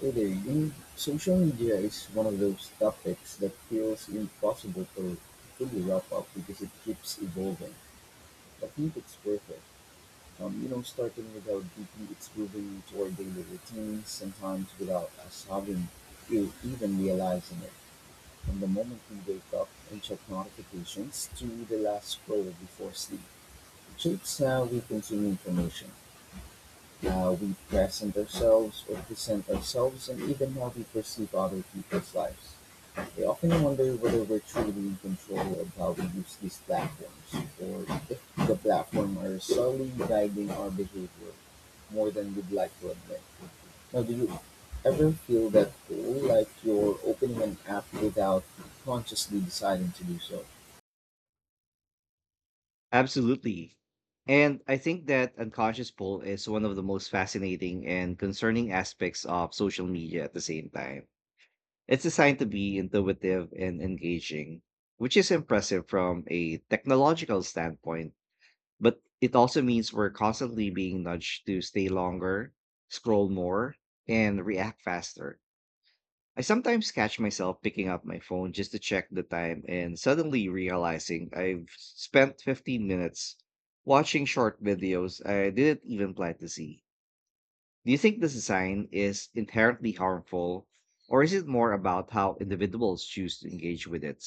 Today, social media is one of those topics that feels impossible to fully wrap up because it keeps evolving. I think it's worth it. Starting without deeply, it's moving into our daily routines, sometimes without us having to even realizing it. From the moment we wake up and check notifications to the last scroll before sleep, it shapes how we consume information. Now we present ourselves and even how we perceive other people's lives. I often wonder whether we're truly in control of how we use these platforms or if the platform are solely guiding our behavior more than we'd like to admit. Now, do you ever feel that way, like you're opening an app without consciously deciding to do so? Absolutely. And I think that unconscious pull is one of the most fascinating and concerning aspects of social media at the same time. It's designed to be intuitive and engaging, which is impressive from a technological standpoint, but it also means we're constantly being nudged to stay longer, scroll more, and react faster. I sometimes catch myself picking up my phone just to check the time and suddenly realizing I've spent 15 minutes watching short videos I didn't even plan to see. Do you think this design is inherently harmful, or is it more about how individuals choose to engage with it?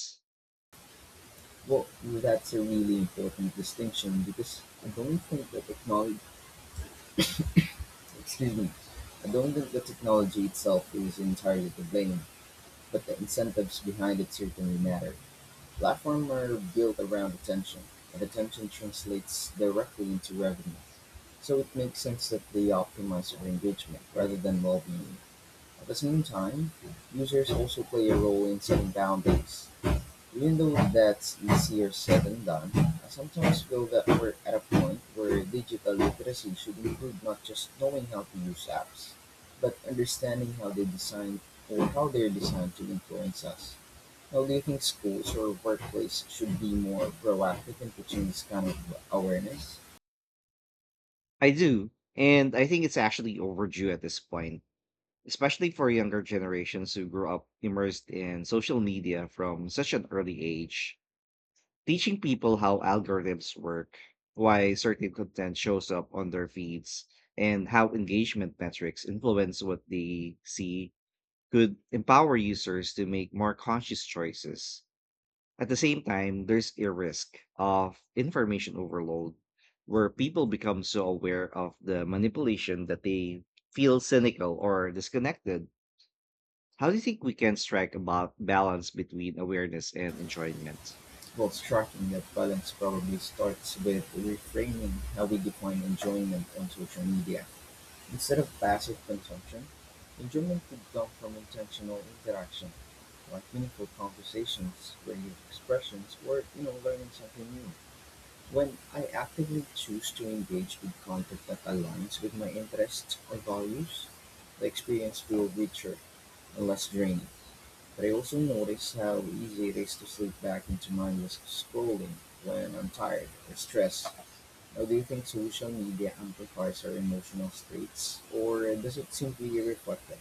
Well, that's a really important distinction because I don't think that technology. Excuse me. I don't think the technology itself is entirely to blame, but the incentives behind it certainly matter. Platforms are built around attention, and attention translates directly into revenue. So it makes sense that they optimize for engagement rather than well-being. At the same time, users also play a role in setting boundaries. Even though that's easier said than done, I sometimes feel that we're at a point where digital literacy should include not just knowing how to use apps, but understanding how they design or how they're designed to influence us. How do you think schools or workplace should be more proactive in teaching this kind of awareness? I do, and I think it's actually overdue at this point, especially for younger generations who grew up immersed in social media from such an early age. Teaching people how algorithms work, why certain content shows up on their feeds, and how engagement metrics influence what they see could empower users to make more conscious choices. At the same time, there's a risk of information overload where people become so aware of the manipulation that they feel cynical or disconnected. How do you think we can strike a balance between awareness and enjoyment? While striking that balance probably starts with reframing how we define enjoyment on social media. Instead of passive consumption, enjoyment could come from intentional interaction, like meaningful conversations, creative expressions, or learning something new. When I actively choose to engage with content that aligns with my interests or values, the experience feels richer and less draining. But I also notice how easy it is to slip back into mindless scrolling when I'm tired or stressed. Now, do you think social media amplifies our emotional states, or does it simply reflect them?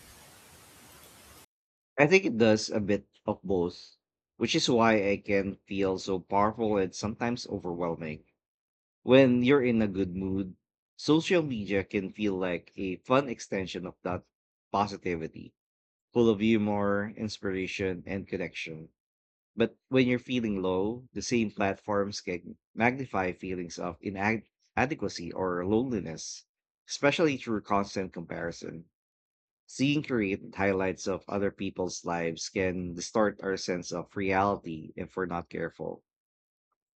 I think it does a bit of both, which is why I can feel so powerful and sometimes overwhelming. When you're in a good mood, social media can feel like a fun extension of that positivity, full of humor, inspiration, and connection. But when you're feeling low, the same platforms can magnify feelings of inadequacy or loneliness, especially through constant comparison. Seeing created highlights of other people's lives can distort our sense of reality if we're not careful.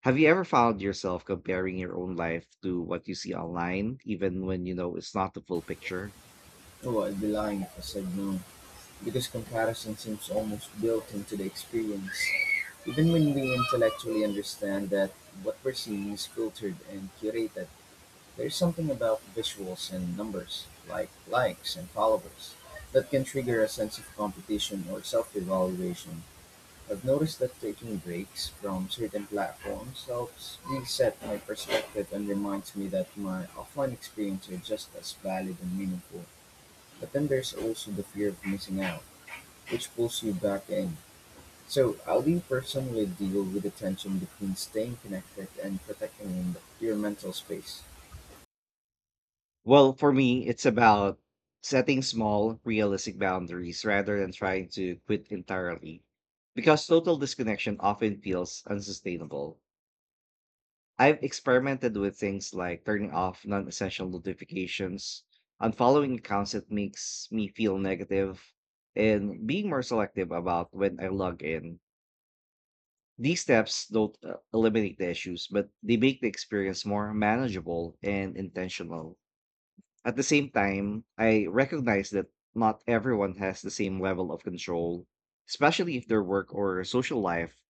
Have you ever found yourself comparing your own life to what you see online, even when you know it's not the full picture? Oh, I'd be lying if I said no, because comparison seems almost built into the experience. Even when we intellectually understand that what we're seeing is filtered and curated, there's something about visuals and numbers, like likes and followers, that can trigger a sense of competition or self evaluation. I've noticed that taking breaks from certain platforms helps reset my perspective and reminds me that my offline experiences are just as valid and meaningful. But then there's also the fear of missing out, which pulls you back in. So, how do you personally deal with the tension between staying connected and protecting your mental space? Well, for me, it's about setting small, realistic boundaries rather than trying to quit entirely, because total disconnection often feels unsustainable. I've experimented with things like turning off non-essential notifications, unfollowing accounts that makes me feel negative, and being more selective about when I log in. These steps don't eliminate the issues, but they make the experience more manageable and intentional. At the same time, I recognize that not everyone has the same level of control, especially if their work or social life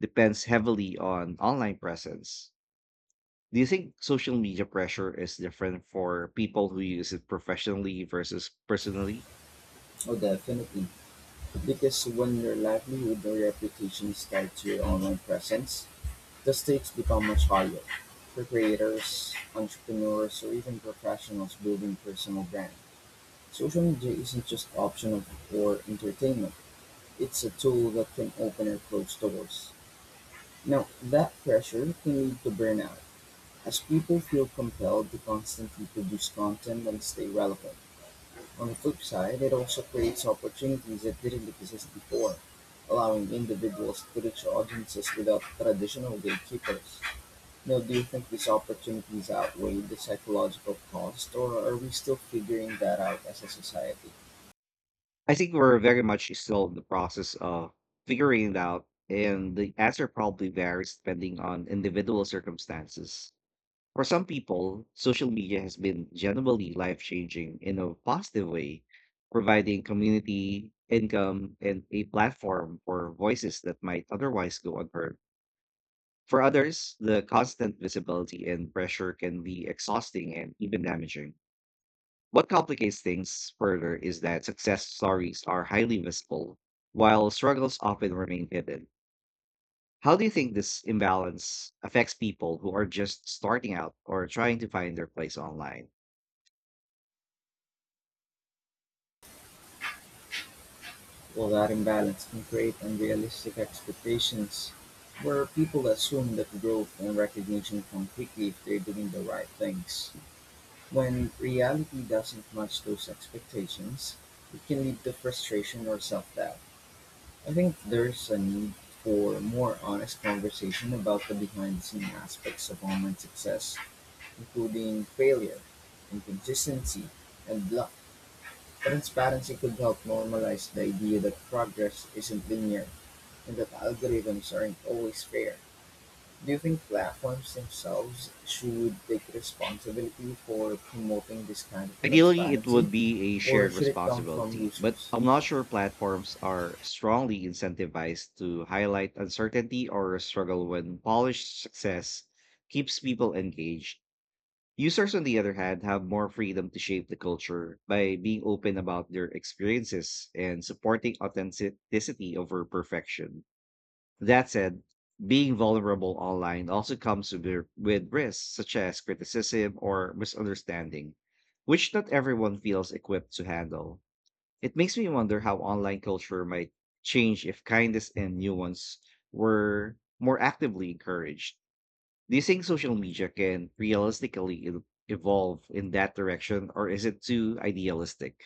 depends heavily on online presence. Do you think social media pressure is different for people who use it professionally versus personally? Oh, definitely. Because when your livelihood or reputation is tied to your online presence, the stakes become much higher, for creators, entrepreneurs, or even professionals building personal brand. Social media isn't just optional or entertainment. It's a tool that can open or close doors. Now, that pressure can lead to burnout, as people feel compelled to constantly produce content and stay relevant. On the flip side, it also creates opportunities that didn't exist before, allowing individuals to reach audiences without traditional gatekeepers. Now, do you think these opportunities outweigh the psychological cost, or are we still figuring that out as a society? I think we're very much still in the process of figuring it out, and the answer probably varies depending on individual circumstances. For some people, social media has been genuinely life changing in a positive way, providing community, income, and a platform for voices that might otherwise go unheard. For others, the constant visibility and pressure can be exhausting and even damaging. What complicates things further is that success stories are highly visible, while struggles often remain hidden. How do you think this imbalance affects people who are just starting out or trying to find their place online? Well, that imbalance can create unrealistic expectations where people assume that growth and recognition come quickly if they're doing the right things. When reality doesn't match those expectations, it can lead to frustration or self doubt. I think there's a need for more honest conversation about the behind the scenes aspects of online success, including failure, inconsistency, and luck. Transparency could help normalize the idea that progress isn't linear and that algorithms aren't always fair. Do you think platforms themselves should take responsibility for promoting this kind of Ideally, it transparency, would be a or shared should it come from responsibility, but users? I'm not sure platforms are strongly incentivized to highlight uncertainty or struggle when polished success keeps people engaged. Users, on the other hand, have more freedom to shape the culture by being open about their experiences and supporting authenticity over perfection. That said, being vulnerable online also comes with risks such as criticism or misunderstanding, which not everyone feels equipped to handle. It makes me wonder how online culture might change if kindness and nuance were more actively encouraged. Do you think social media can realistically evolve in that direction, or is it too idealistic?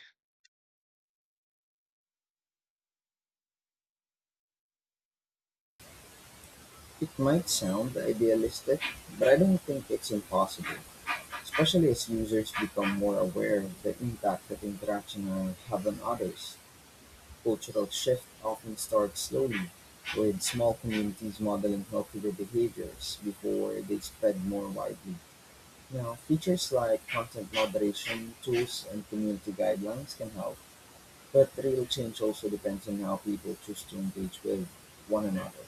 It might sound idealistic, but I don't think it's impossible, especially as users become more aware of the impact that interaction have on others. Cultural shift often starts slowly, with small communities modeling healthier behaviors before they spread more widely. Now, features like content moderation tools and community guidelines can help, but real change also depends on how people choose to engage with one another.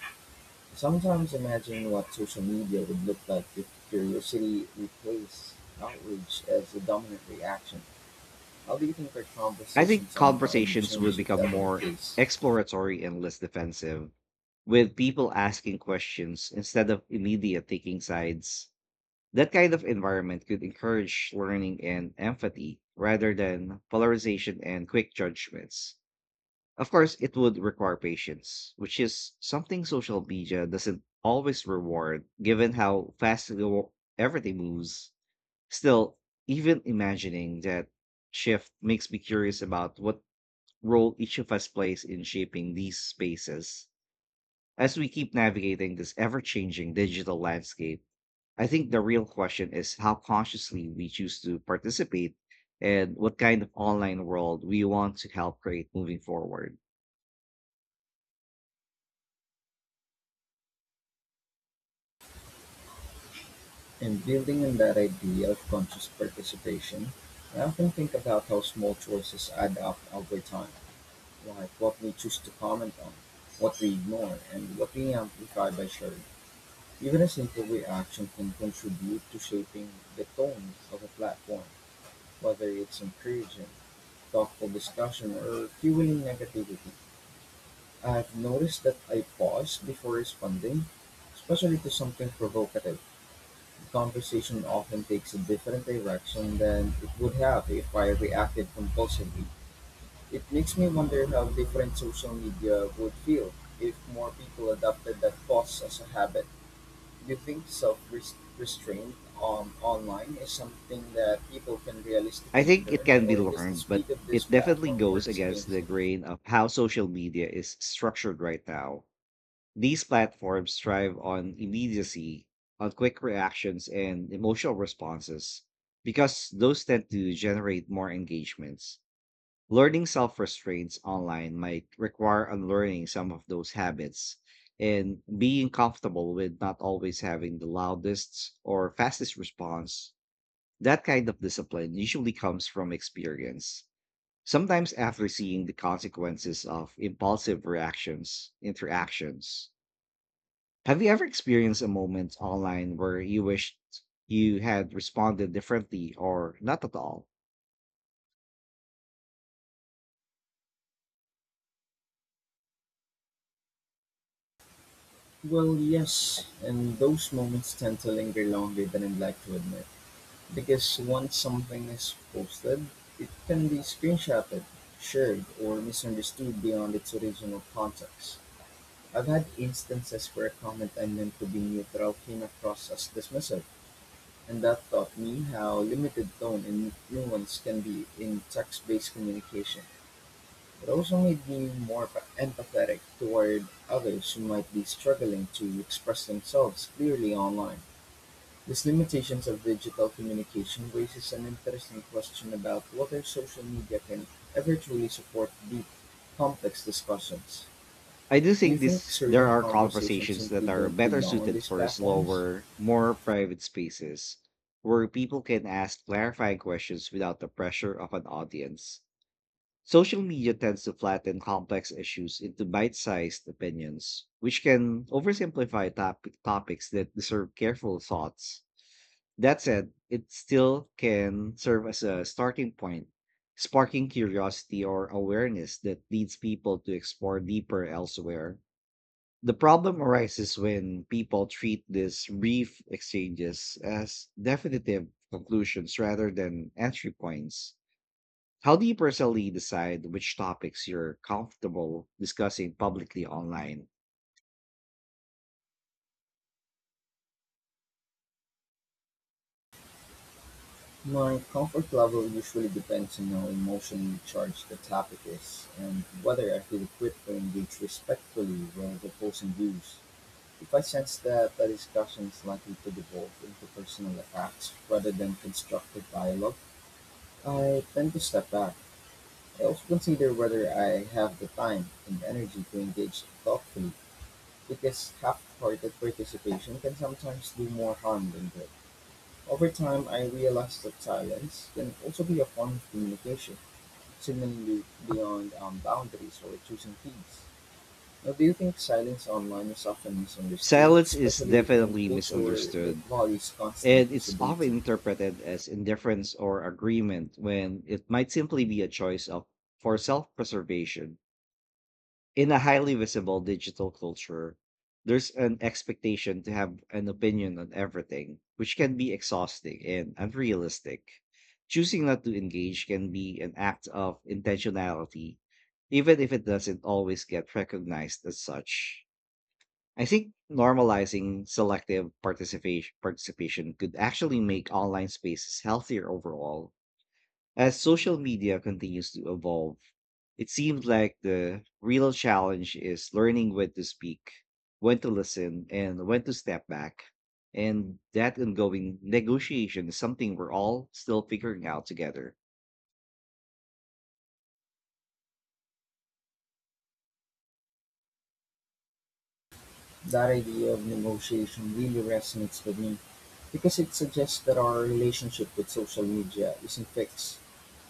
Sometimes imagine what social media would look like if curiosity replaced outrage as the dominant reaction. How do you think our I think conversations online would conversations would change if become that were the more case? exploratory and less defensive, with people asking questions instead of immediate taking sides. That kind of environment could encourage learning and empathy rather than polarization and quick judgments. Of course, it would require patience, which is something social media doesn't always reward, given how fast everything moves. Still, even imagining that shift makes me curious about what role each of us plays in shaping these spaces. As we keep navigating this ever changing digital landscape, I think the real question is how consciously we choose to participate and what kind of online world we want to help create moving forward. In building on that idea of conscious participation, I often think about how small choices add up over time, like what we choose to comment on, what we ignore, and what we amplify by sharing. Even a simple reaction can contribute to shaping the tone of a platform, whether it's encouraging, thoughtful discussion, or fueling negativity. I've noticed that I pause before responding, especially to something provocative. Conversation often takes a different direction than it would have if I reacted compulsively. It makes me wonder how different social media would feel if more people adopted that pause as a habit. Do you think self restraint on online is something that people can I realistically think it learn, can be or does the learned, but speed of this it definitely platform goes works against against the it? grain of how social media is structured right now. These platforms thrive on immediacy, on quick reactions and emotional responses, because those tend to generate more engagements. Learning self restraints online might require unlearning some of those habits and being comfortable with not always having the loudest or fastest response. That kind of discipline usually comes from experience. Sometimes after seeing the consequences of impulsive reactions, interactions. Have you ever experienced a moment online where you wished you had responded differently or not at all? Well, yes, and those moments tend to linger longer than I'd like to admit. Because once something is posted, it can be screenshotted, shared, or misunderstood beyond its original context. I've had instances where a comment I meant to be neutral came across as dismissive, and that taught me how limited tone and nuance can be in text based communication. It also made me more empathetic toward others who might be struggling to express themselves clearly online. These limitations of digital communication raises an interesting question about whether social media can ever truly support deep, complex discussions. I do Do you think think this there certain are conversations conversations simply that are don't better belong on suited these for platforms? slower, more private spaces where people can ask clarifying questions without the pressure of an audience. Social media tends to flatten complex issues into bite-sized opinions, which can oversimplify topics that deserve careful thoughts. That said, it still can serve as a starting point, sparking curiosity or awareness that leads people to explore deeper elsewhere. The problem arises when people treat these brief exchanges as definitive conclusions rather than entry points. How do you personally decide which topics you're comfortable discussing publicly online? My comfort level usually depends on how emotionally charged the topic is and whether I feel equipped to engage respectfully with opposing views. If I sense that the discussion is likely to devolve into personal attacks rather than constructive dialogue, I tend to step back. I also consider whether I have the time and energy to engage thoughtfully, because half-hearted participation can sometimes do more harm than good. Over time, I realized that silence can also be a form of communication, seemingly beyond boundaries or choosing teams. Now, do you think silence online is often misunderstood, Silence is especially in definitely culture that misunderstood. values constant And it's often visibility? interpreted as indifference or agreement when it might simply be a choice of for self-preservation. In a highly visible digital culture, there's an expectation to have an opinion on everything, which can be exhausting and unrealistic. Choosing not to engage can be an act of intentionality, even if it doesn't always get recognized as such. I think normalizing selective participation could actually make online spaces healthier overall. As social media continues to evolve, it seems like the real challenge is learning when to speak, when to listen, and when to step back. And that ongoing negotiation is something we're all still figuring out together. That idea of negotiation really resonates with me because it suggests that our relationship with social media isn't fixed,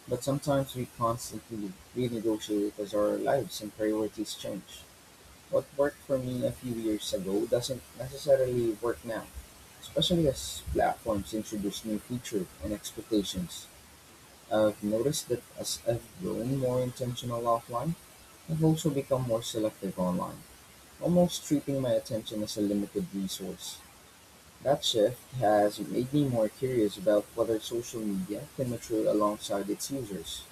but sometimes we constantly renegotiate as our lives and priorities change. What worked for me a few years ago doesn't necessarily work now, especially as platforms introduce new features and expectations. I've noticed that as I've grown more intentional offline, I've also become more selective online. Almost treating my attention as a limited resource. That shift has made me more curious about whether social media can mature alongside its users.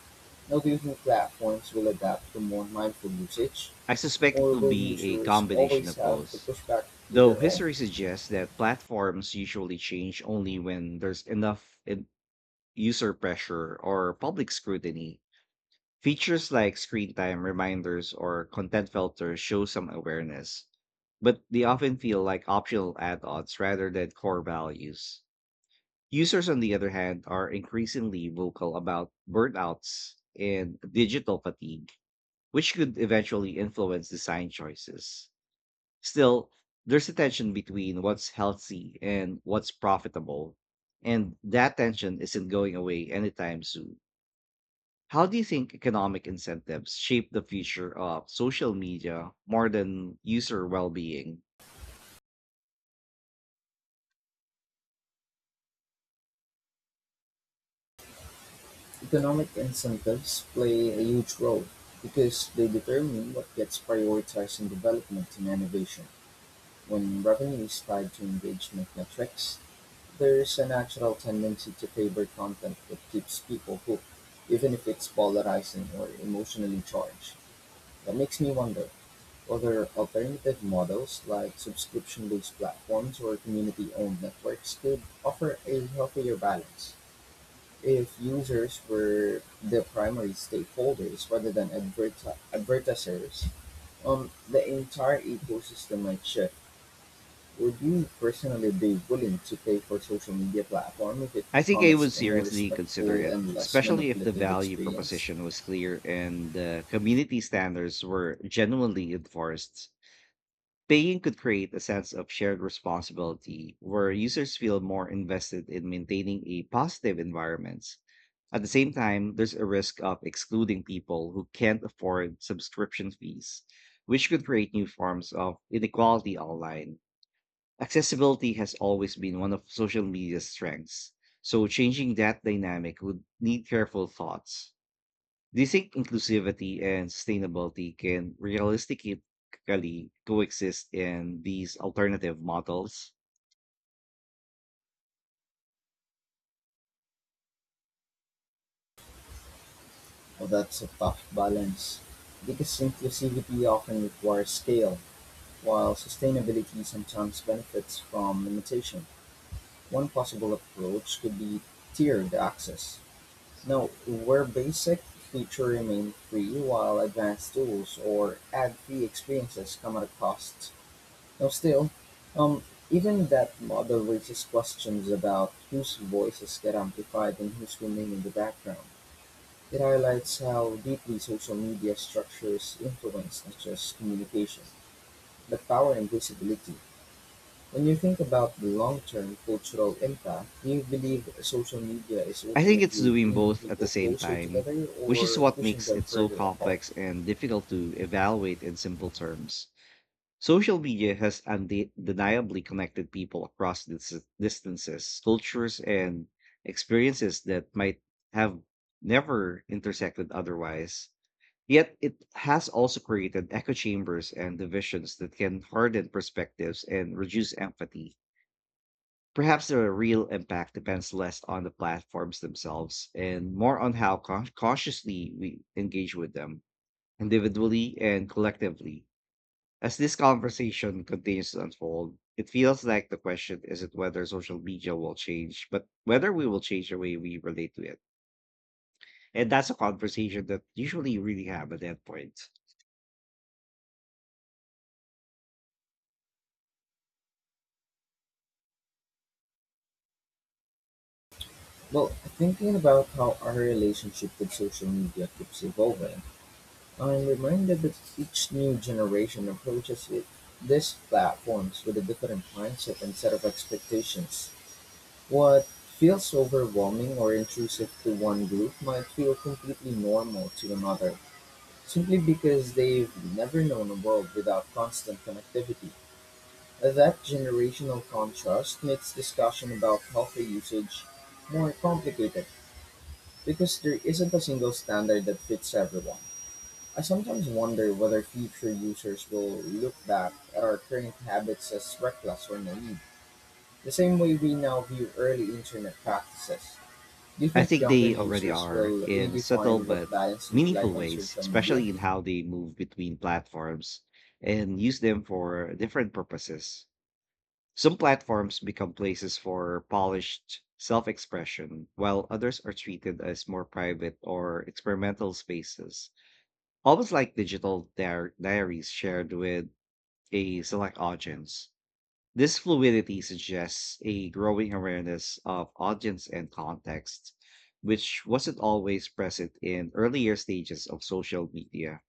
Now, do you think platforms will adapt to more mindful usage, I suspect it or will will be a users combination always of have to both. push back to Though their own? history suggests that platforms usually change only when there's user pressure or public scrutiny, features like screen time reminders or content filters show some awareness, but they often feel like optional add ons rather than core values. Users, on the other hand, are increasingly vocal about burnouts and digital fatigue, which could eventually influence design choices. Still, there's a tension between what's healthy and what's profitable, and that tension isn't going away anytime soon. How do you think economic incentives shape the future of social media more than user well being? Economic incentives play a huge role because they determine what gets prioritized in development and innovation. When revenue is tied to engagement metrics, there is a natural tendency to favor content that keeps people hooked, even if it's polarizing or emotionally charged. That makes me wonder whether alternative models like subscription based platforms or community owned networks could offer a healthier balance if users were the primary stakeholders rather than advertisers. The entire ecosystem might shift. Would you personally be willing to pay for a social media platform if it I think I would promised a more seriously consider respectful it, and less especially if the manipulative value experience? proposition was clear and the community standards were genuinely enforced. Paying could create a sense of shared responsibility where users feel more invested in maintaining a positive environment. At the same time, there's a risk of excluding people who can't afford subscription fees, which could create new forms of inequality online. Accessibility has always been one of social media's strengths, so changing that dynamic would need careful thoughts. Do you think inclusivity and sustainability can realistically coexist in these alternative models? Well, that's a tough balance because inclusivity often requires scale, while sustainability sometimes benefits from limitation. One possible approach could be tiered access. Now, where basic features remain free while advanced tools or ad free experiences come at a cost. Now still, um, even that model raises questions about whose voices get amplified and whose remain in the background. It highlights how deeply social media structures influence not just communication, but power and visibility. When you think about the long term cultural impact, do you believe social media is I think it's ultimately doing bringing both at the people same closer time, together which is or what pushing makes them it so further apart? complex and difficult to evaluate in simple terms. Social media has undeniably connected people across distances, cultures, and experiences that might have never intersected otherwise. Yet it has also created echo chambers and divisions that can harden perspectives and reduce empathy. Perhaps the real impact depends less on the platforms themselves and more on how cautiously we engage with them, individually and collectively. As this conversation continues to unfold, it feels like the question isn't whether social media will change, but whether we will change the way we relate to it. And that's a conversation that usually really have an endpoint. Well, thinking about how our relationship with social media keeps evolving, I am reminded that each new generation approaches these platforms with a different mindset and set of expectations. What feels overwhelming or intrusive to one group might feel completely normal to another, simply because they've never known a world without constant connectivity. That generational contrast makes discussion about healthy usage more complicated because there isn't a single standard that fits everyone. I sometimes wonder whether future users will look back at our current habits as reckless or naive, the same way we now view early internet practices. Do you I think think younger they already users are will in subtle redefine what but balance looks meaningful like on ways, social media? especially in how they move between platforms and use them for different purposes. Some platforms become places for polished self expression, while others are treated as more private or experimental spaces, almost like digital diaries shared with a select audience. This fluidity suggests a growing awareness of audience and context, which wasn't always present in earlier stages of social media.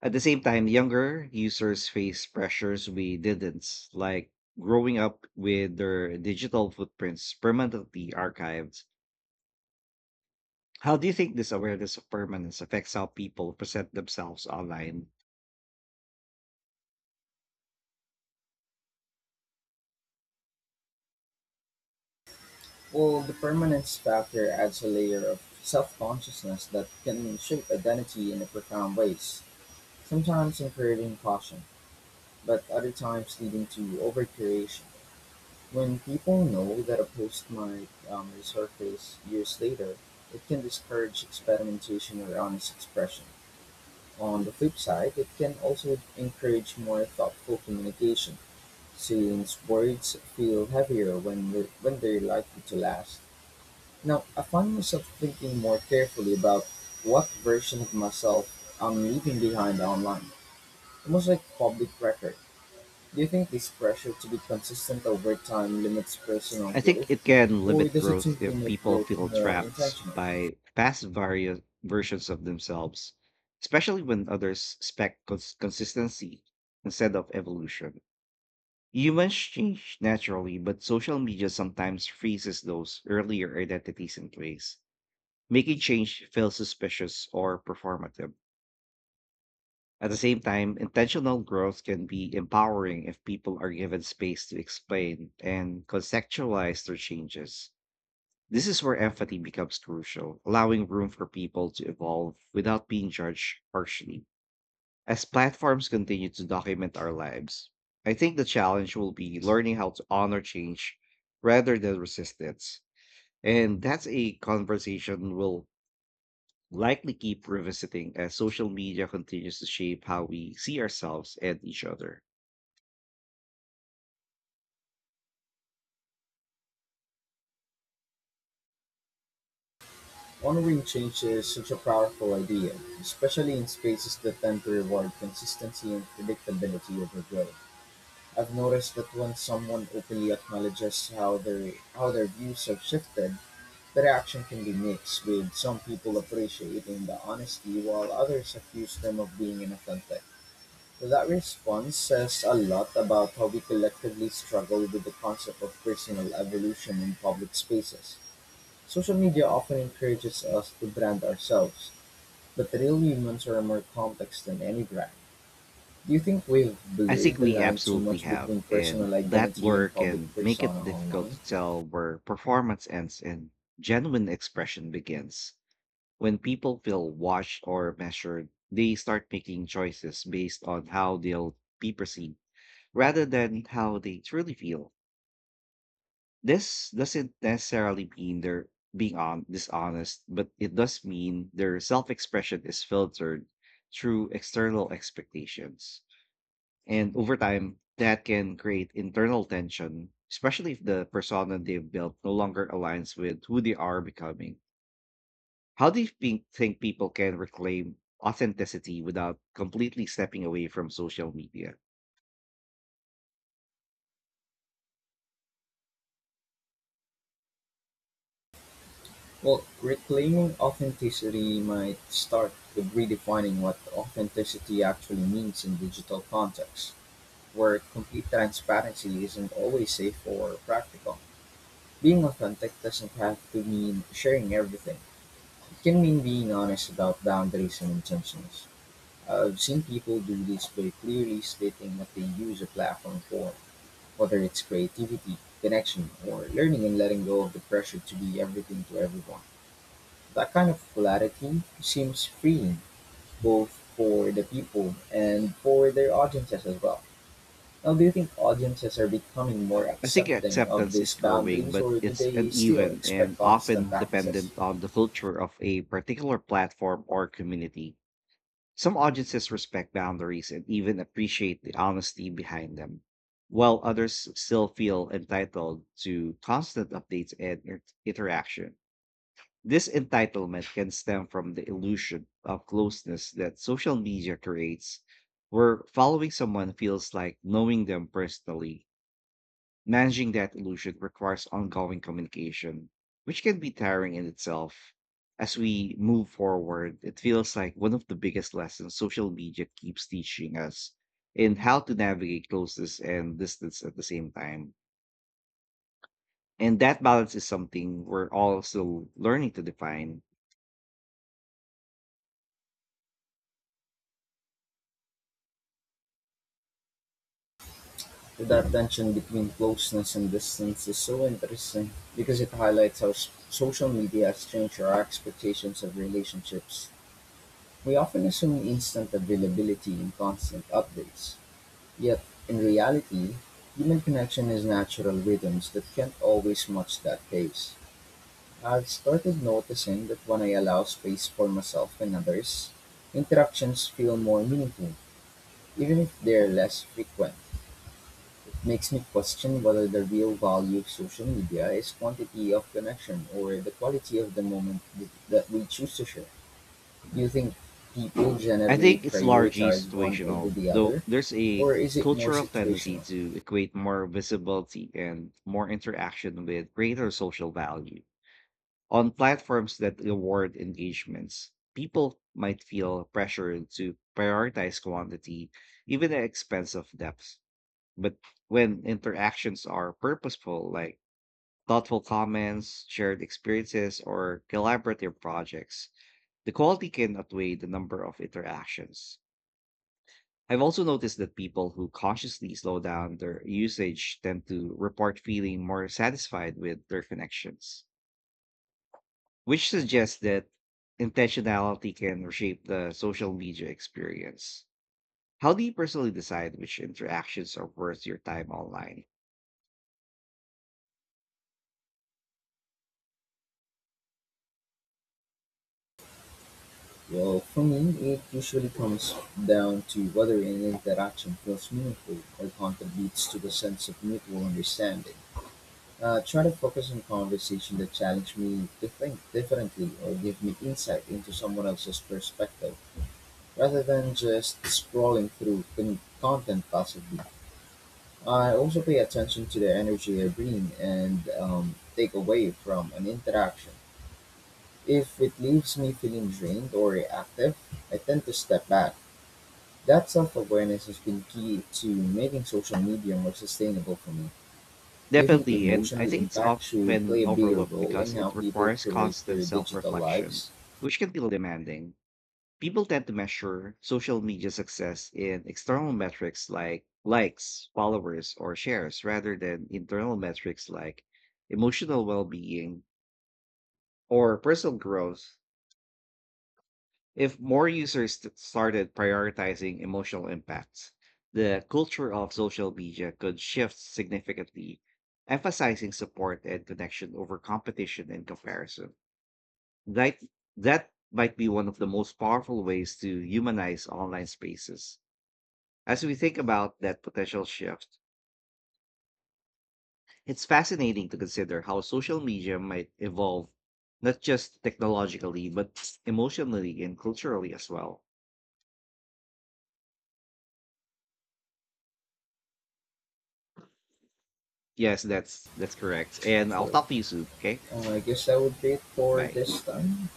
At the same time, younger users face pressures we didn't, like growing up with their digital footprints permanently archived. How do you think this awareness of permanence affects how people present themselves online? Well, the permanence factor adds a layer of self-consciousness that can shape identity in a profound ways, sometimes encouraging caution, but other times leading to over. When people know that a post might resurface years later, it can discourage experimentation or honest expression. On the flip side, it can also encourage more thoughtful communication, since words feel heavier when they're likely to last. Now, I find myself thinking more carefully about what version of myself I'm leaving behind online, almost like public record. Do you think this pressure to be consistent over time limits personal I think growth? it can Or limit does it growth simply if make people growth feel more trapped intentional? by past various versions of themselves, especially when others expect consistency instead of evolution. Humans change naturally, but social media sometimes freezes those earlier identities in place, making change feel suspicious or performative. At the same time, intentional growth can be empowering if people are given space to explain and contextualize their changes. This is where empathy becomes crucial, allowing room for people to evolve without being judged harshly. As platforms continue to document our lives, I think the challenge will be learning how to honor change rather than resistance. And that's a conversation we'll likely keep revisiting as social media continues to shape how we see ourselves and each other. Honoring change is such a powerful idea, especially in spaces that tend to reward consistency and predictability over growth. I've noticed that when someone openly acknowledges how their views have shifted, their action can be mixed, with some people appreciating the honesty while others accuse them of being inauthentic. So that response says a lot about how we collectively struggle with the concept of personal evolution in public spaces. Social media often encourages us to brand ourselves, but real humans are more complex than any brand. Do you think we've I think blurred the we line too absolutely much have, between and personal that identity and blur public can make persona it difficult online? to tell where performance ends and genuine expression begins. When people feel watched or measured, they start making choices based on how they'll be perceived rather than how they truly feel. This doesn't necessarily mean they're being on dishonest, but it does mean their self-expression is filtered through external expectations. And over time, that can create internal tension, especially if the persona they've built no longer aligns with who they are becoming. How do you think people can reclaim authenticity without completely stepping away from social media? Well, reclaiming authenticity might start with redefining what authenticity actually means in digital contexts, where complete transparency isn't always safe or practical. Being authentic doesn't have to mean sharing everything. It can mean being honest about boundaries and intentions. I've seen people do this by clearly stating what they use a platform for, whether it's creativity, connection, or learning and letting go of the pressure to be everything to everyone. That kind of polarity seems freeing, both for the people and for their audiences as well. Now, do you think audiences are becoming more I think accepting of acceptance is these growing, boundaries, but or do it's they still uneven expect and constant often access? dependent on the culture of a particular platform or community. Some audiences respect boundaries and even appreciate the honesty behind them, while others still feel entitled to constant updates and interaction. This entitlement can stem from the illusion of closeness that social media creates, where following someone feels like knowing them personally. Managing that illusion requires ongoing communication, which can be tiring in itself. As we move forward, it feels like one of the biggest lessons social media keeps teaching us in how to navigate closeness and distance at the same time. And that balance is something we're all still learning to define. That tension between closeness and distance is so interesting because it highlights how social media has changed our expectations of relationships. We often assume instant availability and constant updates, yet, in reality, human connection is natural rhythms that can't always match that pace. I've started noticing that when I allow space for myself and others, interactions feel more meaningful, even if they're less frequent. Makes me question whether the real value of social media is quantity of connection or the quality of the moment that we choose to share. Do you think people I generally think it's largely prioritize one over situational, the though other, there's a or is it more cultural tendency situational? to equate more visibility and more interaction with greater social value. On platforms that reward engagements, people might feel pressured to prioritize quantity, even at the expense of depth. But when interactions are purposeful, like thoughtful comments, shared experiences, or collaborative projects, the quality can outweigh the number of interactions. I've also noticed that people who consciously slow down their usage tend to report feeling more satisfied with their connections, which suggests that intentionality can reshape the social media experience. How do you personally decide which interactions are worth your time online? Well, for me, it usually comes down to whether an interaction feels meaningful or contributes to the sense of mutual understanding. Try to focus on conversation that challenge me to think differently or give me insight into someone else's perspective. Rather than just scrolling through content passively, I also pay attention to the energy I bring and take away from an interaction. If it leaves me feeling drained or reactive, I tend to step back. That self awareness has been key to making social media more sustainable for me. Do you think Definitely, and I emotional think it's impact should play often a bigger overlooked role because in how it people requires curate constant their self digital reflection, lives? which can feel demanding. People tend to measure social media success in external metrics like likes, followers, or shares rather than internal metrics like emotional well being or personal growth. If more users started prioritizing emotional impacts, the culture of social media could shift significantly, emphasizing support and connection over competition and comparison. That, that might be one of the most powerful ways to humanize online spaces. As we think about that potential shift, it's fascinating to consider how social media might evolve, not just technologically, but emotionally and culturally as well. Yes, that's correct. And I'll Sure. talk to you soon. Okay. I guess that would be it for Bye. this time.